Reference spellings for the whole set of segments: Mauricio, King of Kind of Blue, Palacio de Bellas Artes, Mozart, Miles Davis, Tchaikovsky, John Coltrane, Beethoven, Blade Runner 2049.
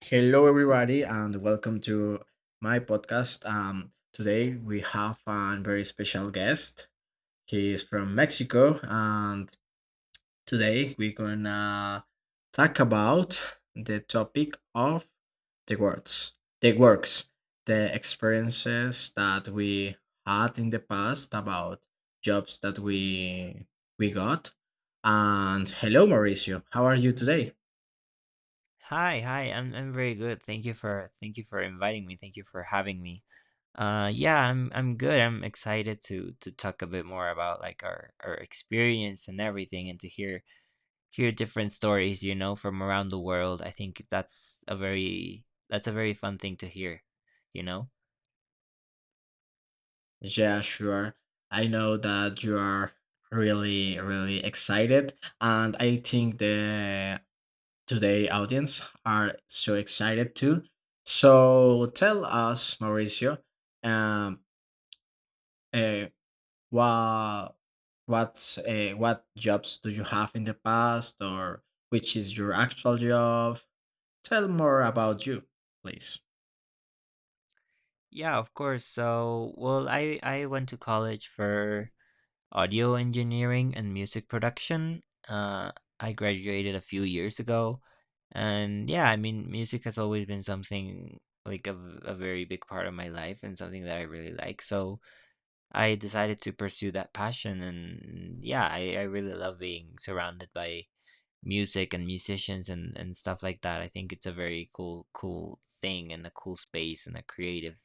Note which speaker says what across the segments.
Speaker 1: Hello, everybody, and welcome to my podcast. Today we have a very special guest. He is from Mexico, and today we're gonna talk about the topic of the words, the works, the experiences that we had in the past about jobs that we got. And hello, Mauricio, how are you today?
Speaker 2: Hi, hi. I'm very good. Thank you for inviting me. Thank you for having me. Yeah, I'm good. I'm excited to talk a bit more about like our experience and everything and to hear different stories, you know, from around the world. I think that's a very fun thing to hear, you know?
Speaker 1: Yeah, sure. I know that you are really, really excited, and I think the today audience are so excited too. So tell us, Mauricio, um, uh, what what's what jobs do you have in the past, or which is your actual job? Tell more about you, please.
Speaker 2: Yeah, of course. So, well, I went to college for audio engineering and music production. Uh, I graduated a few years ago, and yeah, I mean, music has always been something like a very big part of my life and something that I really like. So I decided to pursue that passion, and yeah, I really love being surrounded by music and musicians and stuff like that. I think it's a very cool thing and a cool space and a creative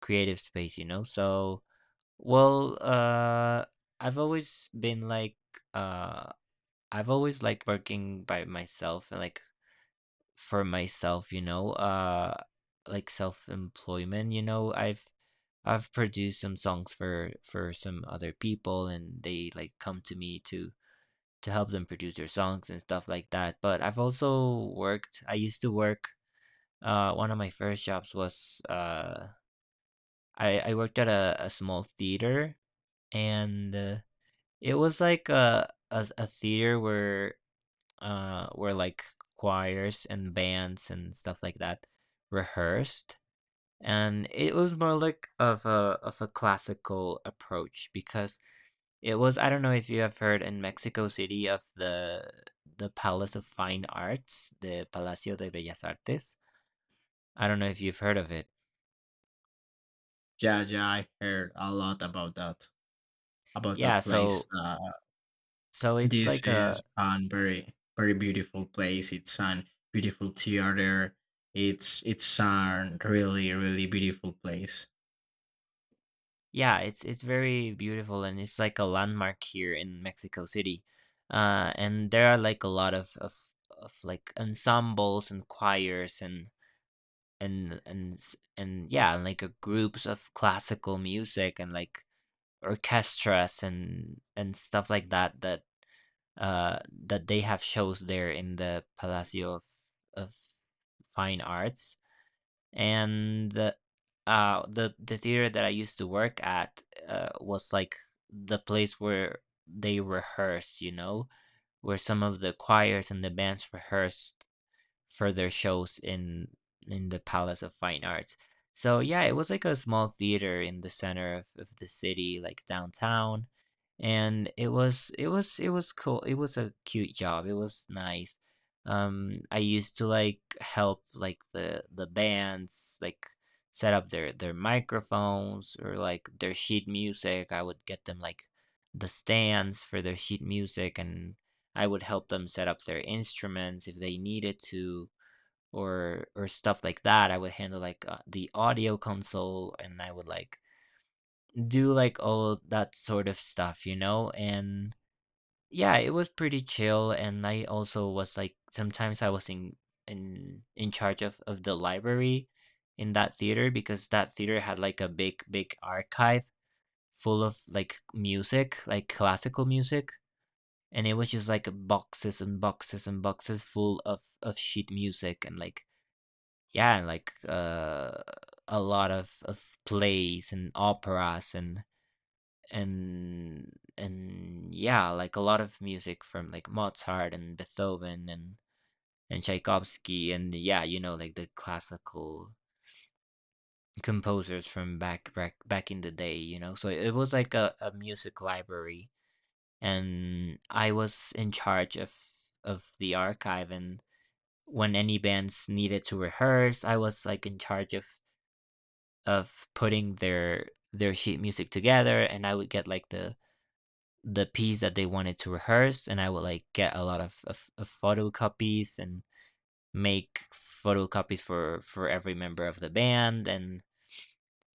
Speaker 2: creative space, you know. So well, I've always been like, uh, I've always liked working by myself and like for myself, you know, like self-employment, you know, I've produced some songs for some other people and they like come to me to help them produce their songs and stuff like that. But I've also worked, I used to work, one of my first jobs was, I worked at a small theater and it was like a theater where where like choirs and bands and stuff like that rehearsed, and it was more like of a classical approach because it was, I don't know if you have heard in Mexico City of the Palace of Fine Arts, the Palacio de Bellas Artes. I don't know if you've heard of it.
Speaker 1: Yeah, yeah, I heard a lot about
Speaker 2: Yeah,
Speaker 1: that place.
Speaker 2: so so it's
Speaker 1: This
Speaker 2: like a...
Speaker 1: is a very very beautiful place. It's an beautiful theater. It's a really really beautiful place.
Speaker 2: Yeah, it's very beautiful and it's like a landmark here in Mexico City. And there are like a lot of like ensembles and choirs and yeah, and like groups of classical music and like orchestras and stuff like that that that they have shows there in the Palacio of Fine Arts and the the theater that I used to work at was like the place where they rehearse, you know, where some of the choirs and the bands rehearsed further shows in the Palace of Fine Arts. So yeah, it was like a small theater in the center of the city, like downtown. And it was it was cool. It was a cute job. It was nice. I used to like help like the bands like set up their microphones or like their sheet music. I would get them like the stands for their sheet music and I would help them set up their instruments if they needed to, or stuff like that. I would handle like the audio console and I would like do like all that sort of stuff, you know? And yeah, it was pretty chill and I also was like sometimes I was in charge of the library in that theater because that theater had like a big archive full of like music, like classical music. And it was just like boxes and boxes and boxes full of sheet music and like yeah, and like a lot of plays and operas and yeah, like a lot of music from like Mozart and Beethoven and Tchaikovsky and yeah, you know, like the classical composers from back in the day, you know. So it was like a music library, and I was in charge of the archive and when any bands needed to rehearse, I was like in charge of putting their sheet music together and I would get like the piece that they wanted to rehearse and I would like get a lot of photocopies and make photocopies for every member of the band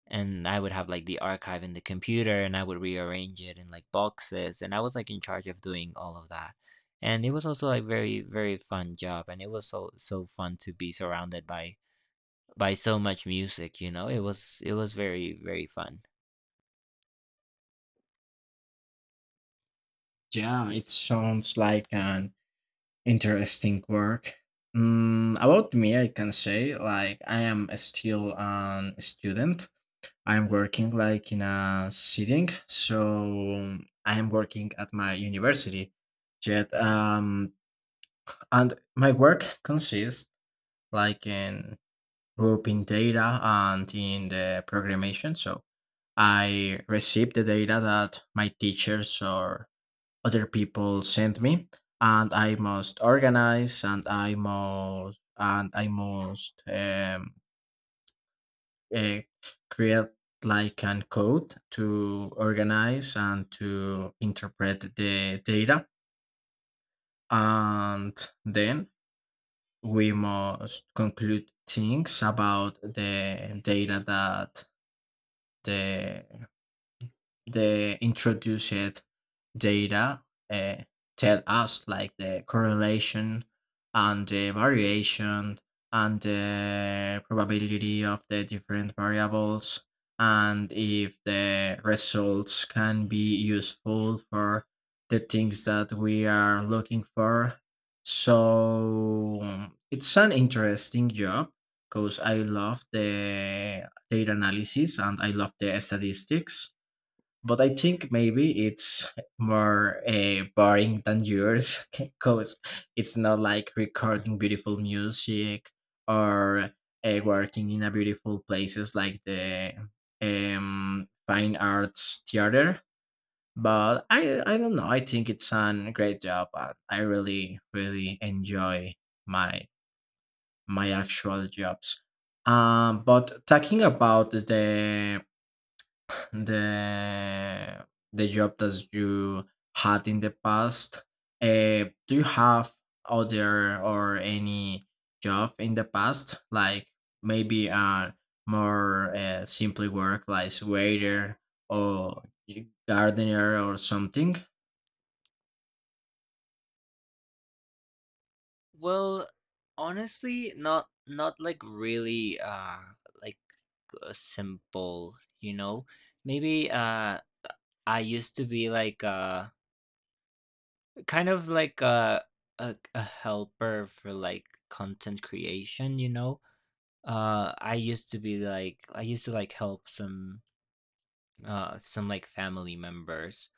Speaker 2: and I would have like the archive in the computer and I would rearrange it in like boxes and I was like in charge of doing all of that. And it was also like very fun job and it was so fun to be surrounded by so much music, you know. It was very fun.
Speaker 1: Yeah, it sounds like an interesting work. Mm, about me, I can say like I am still an student. I'm working like in a sitting, so I'm working at my university. Yet, and my work consists like in group in data and in the programmation. So I received the data that my teachers or other people sent me, and I must organize and I must uh, create like an code to organize and to interpret the data, and then we must conclude things about the data that the the introduced data uh, tell us like the correlation and the variation and the probability of the different variables and if the results can be useful for the things that we are looking for. So it's an interesting job because I love the data analysis and I love the statistics, but I think maybe it's more boring than yours because it's not like recording beautiful music or working in a beautiful places like the fine arts theater. But I don't know. I think it's a great job, and I really really enjoy my my actual jobs. But talking about the the job that you had in the past. Do you have other or any job in the past, like maybe a more simply work, like waiter or gardener or something?
Speaker 2: Well, honestly, not like really like simple, you know. Maybe I used to be like kind of like a helper for like content creation, you know. I used to be like I used to like help some like family members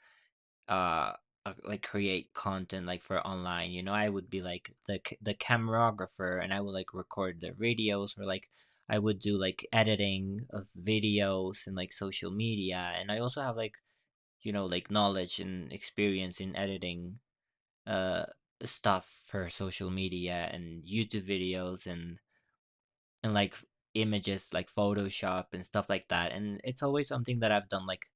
Speaker 2: uh like create content like for online, you know. I would be like the the camerographer and I would like record their videos, or like I would do like editing of videos and like social media, and I also have like, you know, like knowledge and experience in editing uh stuff for social media and YouTube videos and like images, like Photoshop and stuff like that, and it's always something that I've done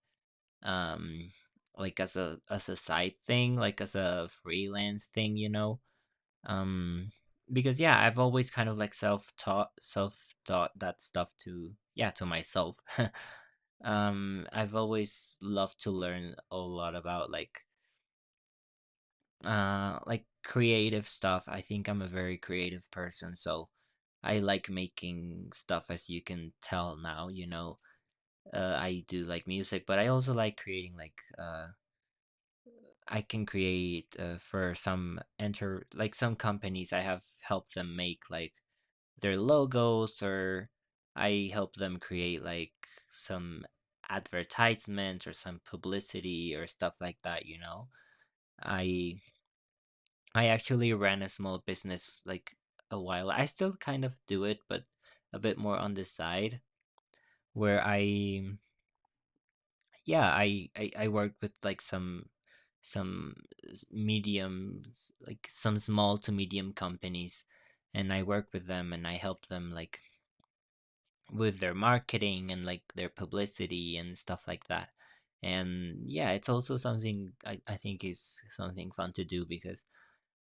Speaker 2: um like as a side thing, like as a freelance thing, you know. um because yeah, I've always kind of like self taught that stuff to, yeah, to myself I've always loved to learn a lot about like creative stuff. I think I'm a very creative person, so I like making stuff, as you can tell now, you know. I do like music, but I also like creating like I can create for some enter like some companies. I have helped them make like their logos, or I help them create like some advertisement or some publicity or stuff like that, you know. I I actually ran a small business like a while. I still kind of do it, but a bit more on the side where I yeah, I worked with like some like some small to medium companies and I work with them and I help them like with their marketing and like their publicity and stuff like that. And yeah, it's also something I think is something fun to do because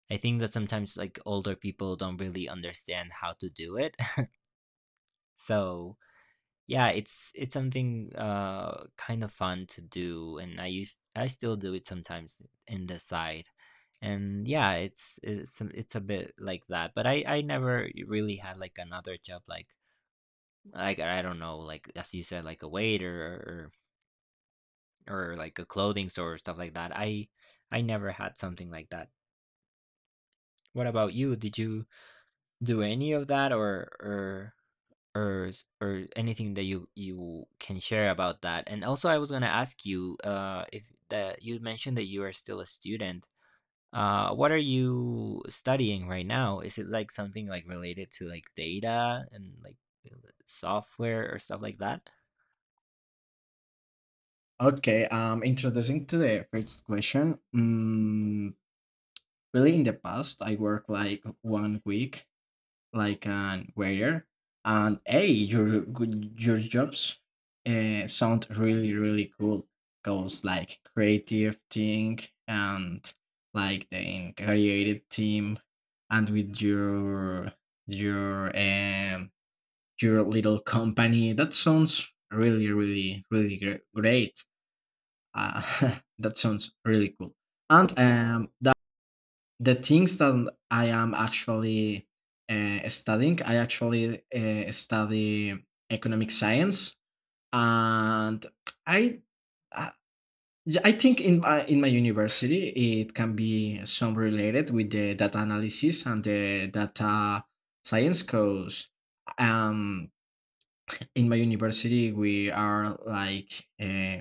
Speaker 2: I think that sometimes like older people don't really understand how to do it. So yeah, it's something kind of fun to do, and I still do it sometimes in the side, and yeah, it's a bit like that. But I never really had like another job like I don't know, like as you said, like a waiter or like a clothing store or stuff like that. I never had something like that. What about you? Did you do any of that or or anything that you can share about that. And also, I was gonna ask you, if that you mentioned that you are still a student. What are you studying right now? Is it like something like related to like data and like uh, software or stuff like that?
Speaker 1: Okay, introducing to the first question. Mm, really, in the past, I worked like 1 week like an waiter, and hey your good your jobs sound really really cool. Cause like creative thing and like the creative team and with your your little company, that sounds really great. That sounds really cool. And the things that I am actually studying, I actually study economic science, and I, I, I think in my university it can be some related with the data analysis and the data science course. Um, in my university we are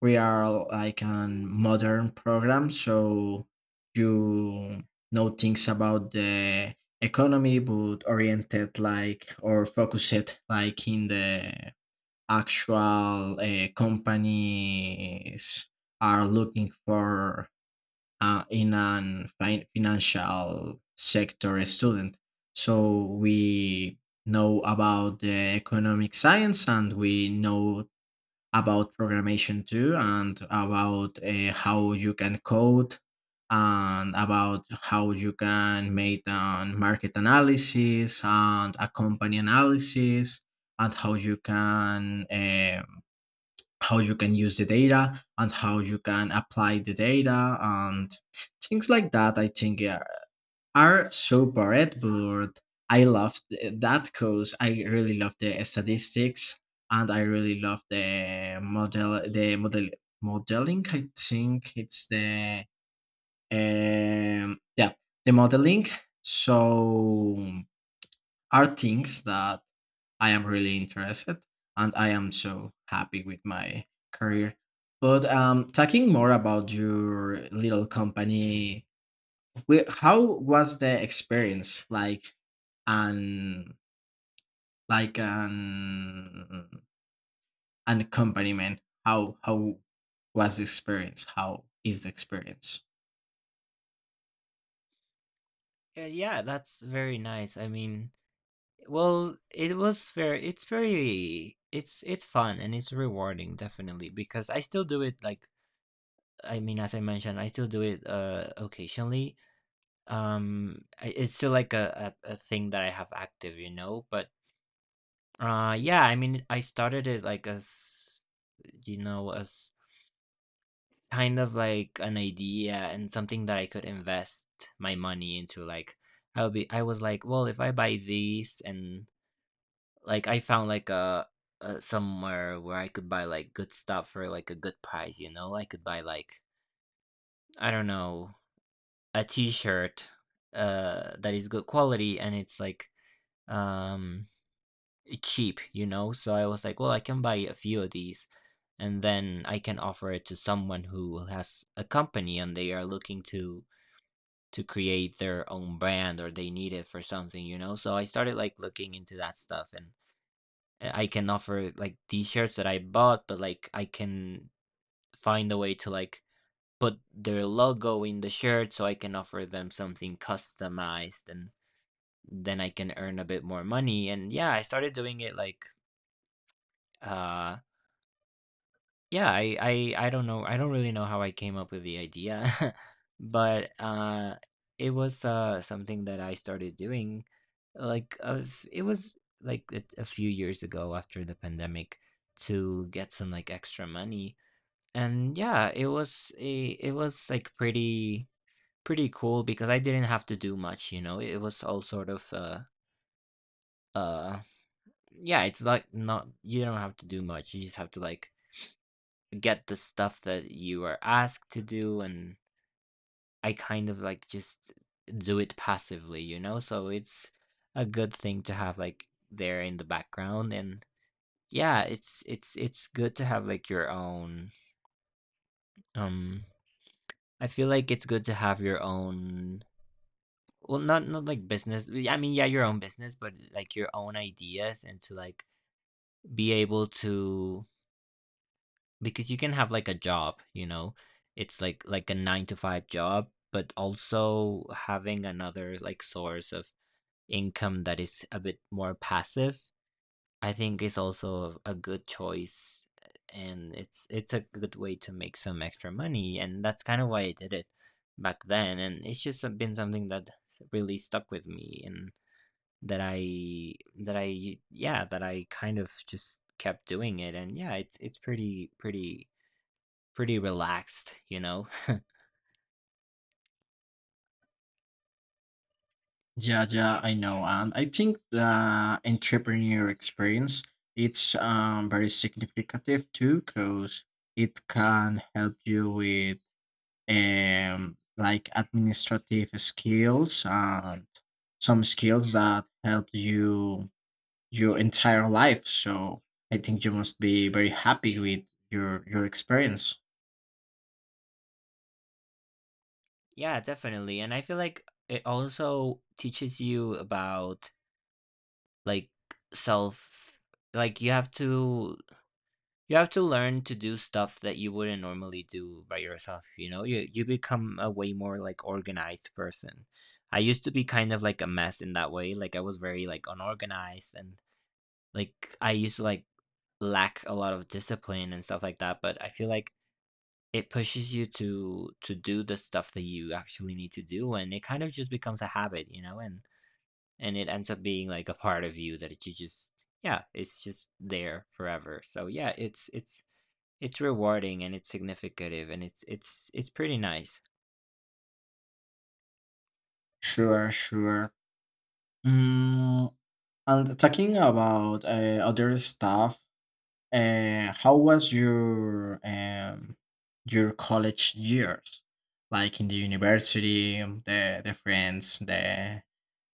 Speaker 1: we are like an modern program, so you know things about the economy but oriented like or focused like in the actual companies are looking for in an financial sector student. So we know about the economic science and we know about programmation too and about how you can code and about how you can make an market analysis and a company analysis and how you can use the data and how you can apply the data and things like that, I think yeah, are so bad, but I loved that because I really love the statistics and I really love the model modeling. I think it's the um yeah the modeling. So are things that I am really interested and I am so happy with my career. But talking more about your little company. Wait, how was the experience like an like an an accompaniment? How was the experience? How is the experience?
Speaker 2: Yeah, that's very nice. I mean, well, it's very, it's fun and it's rewarding definitely because I still do it like, I mean, as I mentioned, I still do it occasionally. It's still like a thing that I have active, you know, but yeah, I mean, I started it like as, you know, as kind of like an idea and something that I could invest my money into, like, I will be I was like, well, if I buy these, and like I found like a somewhere where I could buy like good stuff for like a good price, you know, I could buy like, I don't know, a t-shirt that is good quality and it's like um cheap, you know? So I was like, well, I can buy a few of these and then I can offer it to someone who has a company and they are looking to create their own brand or they need it for something, you know? So I started like looking into that stuff and, eh, I can offer like t-shirts that I bought, but like I can find a way to like put their logo in the shirt so I can offer them something customized and then I can earn a bit more money. And yeah, I started doing it like uh yeah, I don't know. I don't really know how I came up with the idea, but it was something that I started doing like of it was like a few years ago after the pandemic to get some like extra money. And yeah, it was like pretty cool because I didn't have to do much. It was all sort of uh yeah, it's like not you don't have to do much. You just have to like get the stuff that you are asked to do, and I kind of like just do it passively? So it's a good thing to have like there in the background. And yeah, it's good to have like your own um I feel like it's good to have your own, well, not like business. I mean, yeah, your own business, but like your own ideas, and to like be able to, because you can have like a job, it's like a 9 to 5 job, but also having another like source of income that is a bit more passive, I think, is also a good choice. And it's a good way to make some extra money, and that's kind of why I did it back then. And it's just been something that really stuck with me, and that i that I yeah, that I kind of just kept doing it. And yeah, it's pretty relaxed, you know?
Speaker 1: Yeah, yeah, I know. And I think the entrepreneur experience, it's very significant too because it can help you with like administrative skills and some skills that help you your entire life. So I think you must be very happy with your experience.
Speaker 2: Yeah, definitely. And I feel like it also teaches you about, like, self, like you have to, you have to learn to do stuff that you wouldn't normally do by yourself, you know? You become a way more like organized person. I used to be kind of like a mess in that way. Like, I was very like unorganized, and like I used to like lack a lot of discipline and stuff like that, but I feel like it pushes you to do the stuff that you actually need to do, and it kind of just becomes a habit, you know, and it ends up being like a part of you that you just, yeah, it's just there forever. So yeah, it's rewarding, and it's significative, and it's pretty nice.
Speaker 1: Sure, sure. Mm, and talking about other stuff, how was your college years? Like in the university, the friends,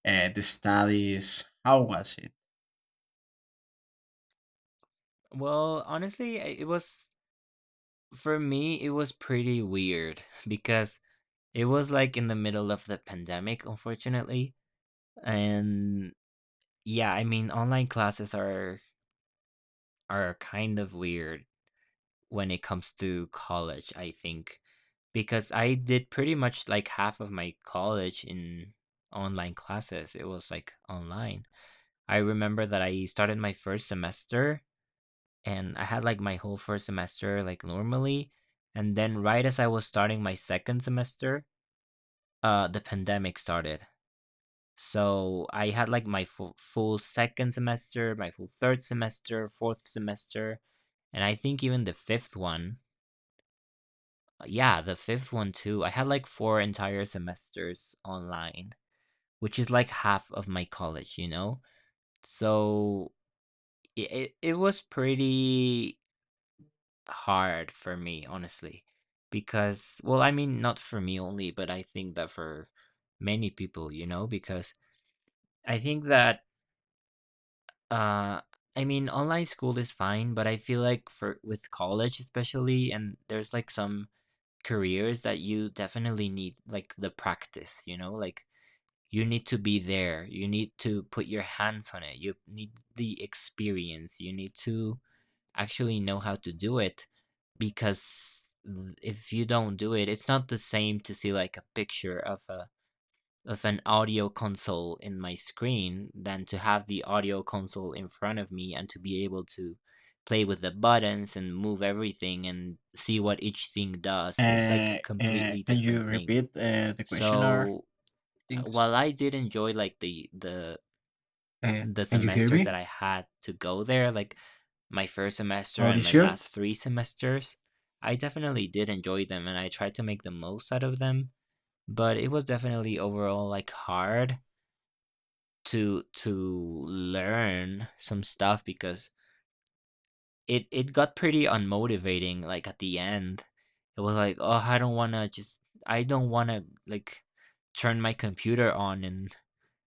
Speaker 1: the studies. How was it?
Speaker 2: Well, honestly, it was, for me, it was pretty weird because it was like in the middle of the pandemic, unfortunately, and yeah, I mean, online classes are kind of weird when it comes to college, I think, because I did pretty much like half of my college in online classes. It was like online. I remember that I started my first semester, and I had like my whole first semester like normally. And then, right as I was starting my second semester, the pandemic started. So I had like my full, full second semester, my full third semester, fourth semester, and I think even the fifth one. Yeah, the fifth one too. I had like four entire semesters online, which is like half of my college, you know? So it was pretty hard for me, honestly, because, well, I mean, not for me only, but I think that for many people, you know, because I think that, uh, I mean, online school is fine, but I feel like for with college especially, and there's like some careers that you definitely need like the practice, you know, like you need to be there, you need to put your hands on it, you need the experience, you need to actually know how to do it, because if you don't do it, it's not the same to see like a picture of a of an audio console in my screen than to have the audio console in front of me and to be able to play with the buttons and move everything and see what each thing does. It's like a completely
Speaker 1: Can you
Speaker 2: different thing.
Speaker 1: repeat the question or
Speaker 2: So
Speaker 1: things?
Speaker 2: while I did enjoy like the
Speaker 1: Can you hear
Speaker 2: semesters that
Speaker 1: me?
Speaker 2: I had to go there, like my first semester and my
Speaker 1: Mauricio?
Speaker 2: last three semesters, I definitely did enjoy them and I tried to make the most out of them. But it was definitely overall like hard to learn some stuff, because it got pretty unmotivating like at the end. It was like, oh, I don't want to just, I don't want to like turn my computer on and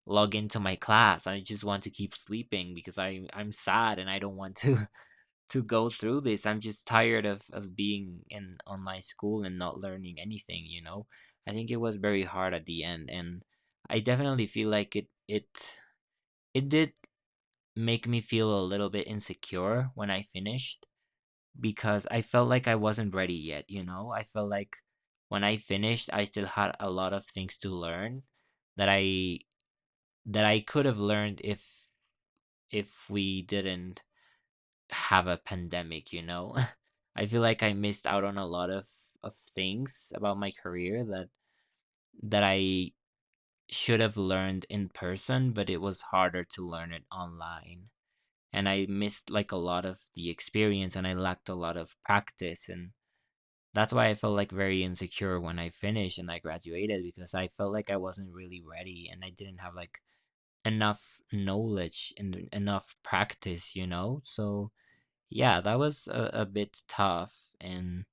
Speaker 2: log into my class. I just want to keep sleeping because I'm sad, and I don't want to to go through this. I'm just tired of being in online school and not learning anything, you know. I think it was very hard at the end, and I definitely feel like it did make me feel a little bit insecure when I finished, because I felt like I wasn't ready yet, you know. I felt like, when I finished, I still had a lot of things to learn that I, that i could have learned if we didn't have a pandemic, you know? I feel like I missed out on a lot of things about my career that, that i should have learned in person, but it was harder to learn it online. And I missed like a lot of the experience, and I lacked a lot of practice, and that's why I felt like very insecure when I finished and I graduated, because I felt like I wasn't really ready and I didn't have like enough knowledge and enough practice, you know? So yeah, that was a bit tough, and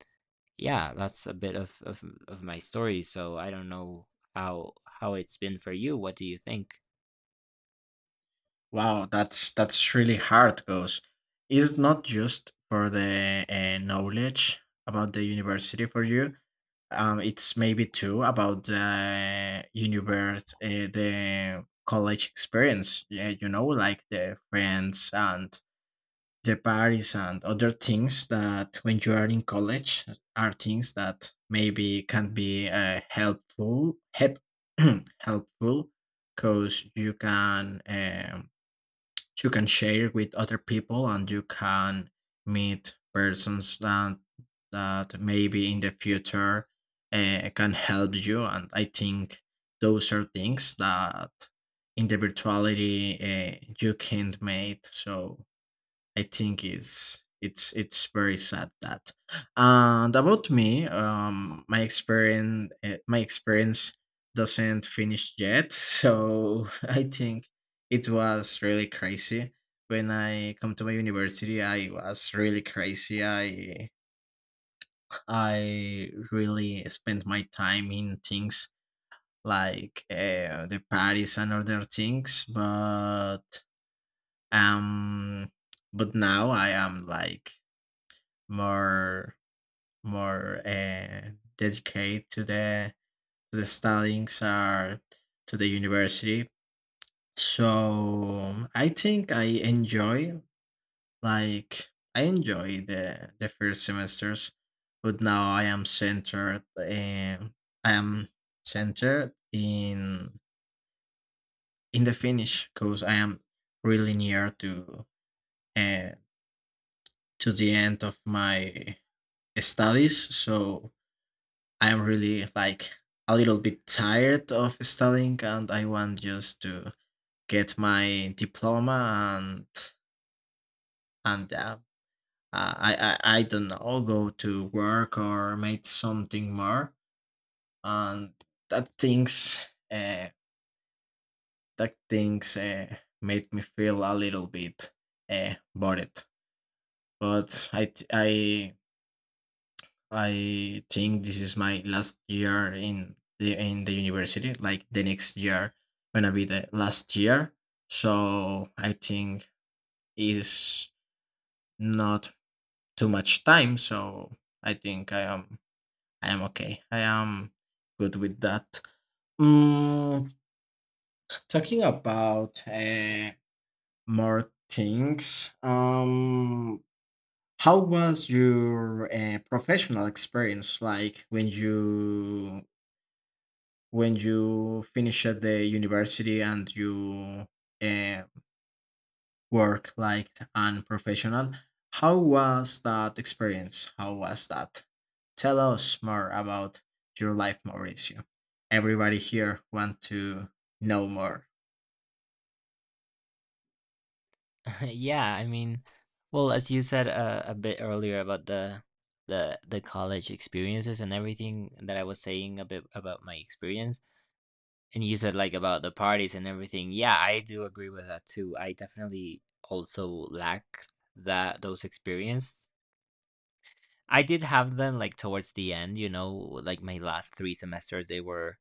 Speaker 2: yeah, that's a bit of my story. So I don't know how it's been for you. What do you think?
Speaker 1: Wow, that's really hard because it's not just for the knowledge about the university for you. It's maybe too about the universe, the college experience. Yeah, you know, like the friends and the parties and other things that when you are in college are things that maybe can be helpful, because you can. You can share with other people and you can meet persons that that maybe in the future can help you. And I think those are things that in the virtuality you can't make, so I think it's very sad that. And about me, my experience doesn't finish yet, so I think it was really crazy. When I come to my university, I was really crazy. I really spent my time in things like the parties and other things, um, but now I am like more more dedicated to the studies or to the university. So I think I enjoy like I enjoy the first semesters, but now I am centered and I am centered in the finish because I am really near uh, to the end of my studies. So I'm really like a little bit tired of studying, and I want just to get my diploma and and uh, I don't know, go to work or make something more. And that things uh, that things made me feel a little bit bored, but I t- I think this is my last year in the university. Like the next year gonna be the last year. So I think is not too much time. So I think I am okay. I am good with that. Mm, talking about more things, how was your professional experience, like when you finish at the university and you uh, work like an professional? How was that experience? How was that? Tell us more about your life, Mauricio. Everybody here want to know more.
Speaker 2: Yeah, I mean, well, as you said, a bit earlier, about the college experiences and everything that I was saying a bit about my experience, and you said like about the parties and everything. Yeah, I do agree with that too. I definitely also lack that, those experiences. I did have them like towards the end, you know, like my last three semesters, they were,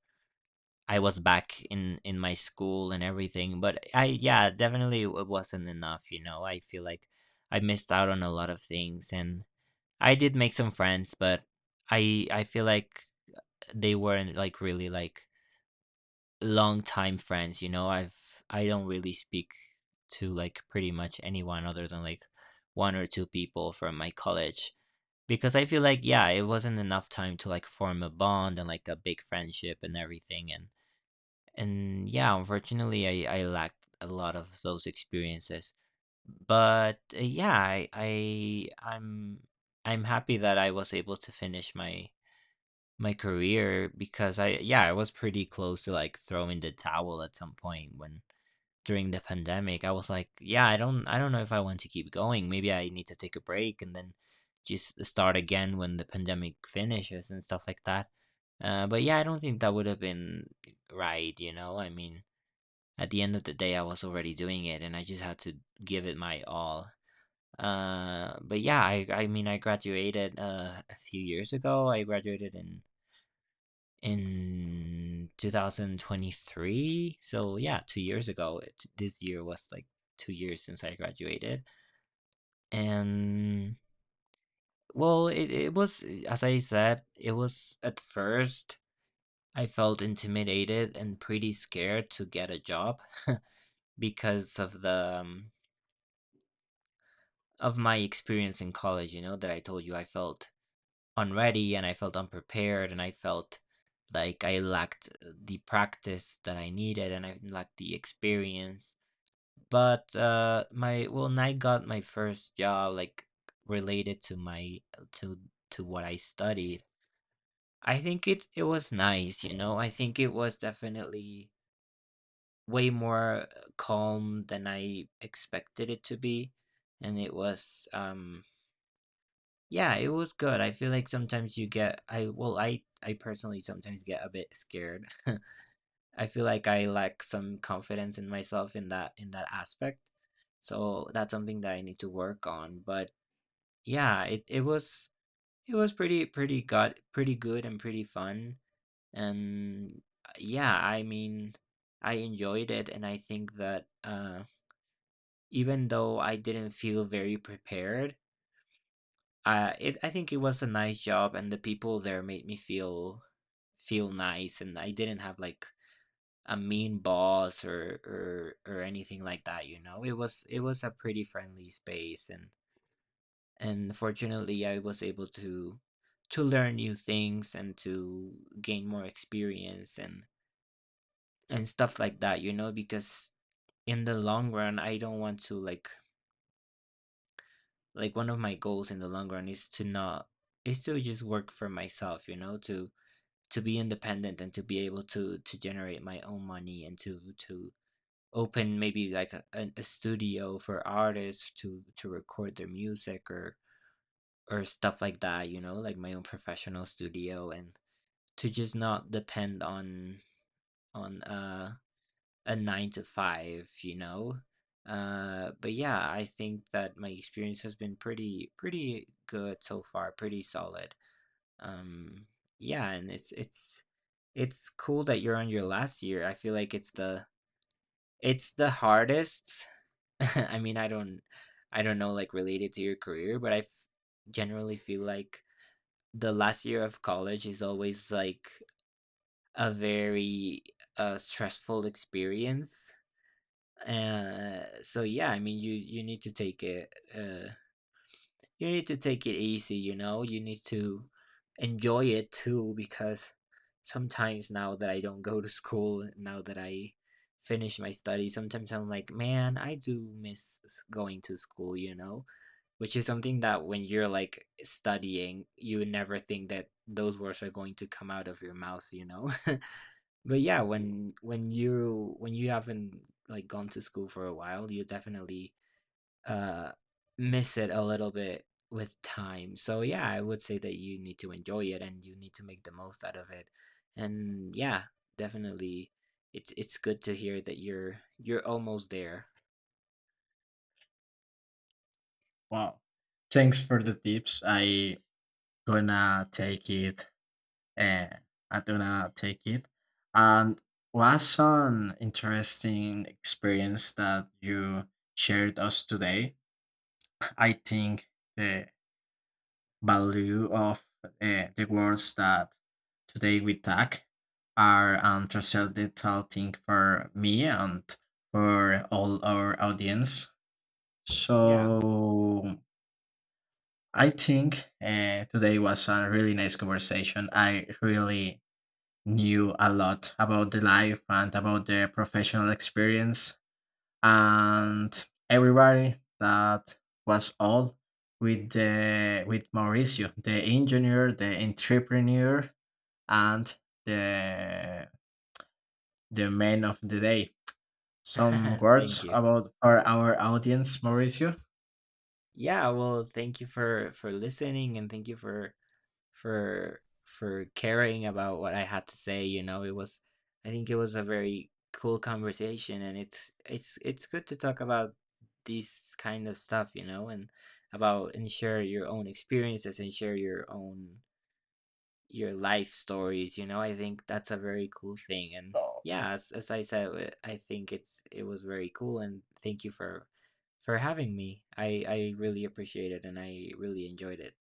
Speaker 2: I was back in my school and everything, but I, yeah, definitely it wasn't enough, you know. I feel like I missed out on a lot of things, and I did make some friends, but I feel like they weren't like really like long time friends, you know. I've, I don't really speak to like pretty much anyone other than like one or two people from my college, because I feel like, yeah, it wasn't enough time to like form a bond and like a big friendship and everything. And yeah, unfortunately, I lacked a lot of those experiences. But yeah, I, I'm happy that I was able to finish my my career, because I, yeah, I was pretty close to like throwing the towel at some point, when during the pandemic I was like, yeah, I don't, I don't know if I want to keep going. Maybe I need to take a break and then just start again when the pandemic finishes and stuff like that. But yeah, I don't think that would have been right, you know. I mean, at the end of the day, I was already doing it, and I just had to give it my all. But yeah, I mean, I graduated a few years ago. I graduated in 2023. So yeah, 2 years ago. It, this year was like 2 years since I graduated, and well, it was, as I said, it was at first I felt intimidated and pretty scared to get a job because of the of my experience in college. You know that I told you I felt unready, and I felt unprepared, and I felt like I lacked the practice that I needed, and I lacked the experience. But, my, well, when I got my first job, like, related to my, to to what I studied, I think it it was nice, you know? I think it was definitely way more calm than I expected it to be, and it was, yeah, it was good. I feel like sometimes you get, I, well, I personally sometimes get a bit scared. I feel like I lack some confidence in myself in that, in that aspect. So that's something that I need to work on. But yeah, it was, it was pretty pretty good and pretty fun. And yeah, I mean, I enjoyed it, and I think that even though I didn't feel very prepared, it, I think it was a nice job, and the people there made me feel feel nice, and I didn't have like a mean boss or or anything like that, you know. It was, it was a pretty friendly space, and fortunately, I was able to learn new things, and to gain more experience, and stuff like that, you know, because in the long run I don't want to like one of my goals in the long run is to not, is to just work for myself, you know, to be independent, and to be able to generate my own money, and to open maybe like a studio for artists to record their music, or stuff like that, you know, like my own professional studio, and to just not depend on, a 9 to 5, you know? But yeah, I think that my experience has been pretty pretty good so far, pretty solid. Um, yeah, and it's cool that you're on your last year. I feel like it's the, it's the hardest. I mean, I don't, I don't know, like, related to your career, but I generally feel like the last year of college is always like a very stressful experience. So yeah, I mean, you need to take it, you need to take it easy, you know. You need to enjoy it too, because sometimes now that I don't go to school, now that I finish my studies, sometimes I'm like, man, I do miss going to school, you know, which is something that, when you're like studying, you would never think that those words are going to come out of your mouth, you know? But yeah, when you, when you haven't like gone to school for a while, you definitely uh miss it a little bit with time. So yeah, I would say that you need to enjoy it, and you need to make the most out of it. And yeah, definitely it's good to hear that you're almost there.
Speaker 1: Wow, thanks for the tips. I gonna take it. Yeah, I'm gonna take it. And what's an interesting experience that you shared us today? I think the value of the words that today we talk are an transcendental thing for me and for all our audience.
Speaker 2: Yeah.
Speaker 1: So I think today was a really nice conversation. I really knew a lot about the life and about their professional experience and everybody that was all with the with Mauricio, the engineer, the entrepreneur, and the the man of the day. Some
Speaker 2: Thank
Speaker 1: words
Speaker 2: you.
Speaker 1: about for our audience, Mauricio.
Speaker 2: Yeah, well, thank you for listening, and thank you for caring about what I had to say, you know. It was, I think it was a very cool conversation, and it's good to talk about these kind of stuff, you know, and about and share your own experiences, and share your own your life stories, you know. I think that's a very cool thing. And yeah, as I said, I think it's, it was very cool, and thank you for having me. I really appreciate it, and I really enjoyed it.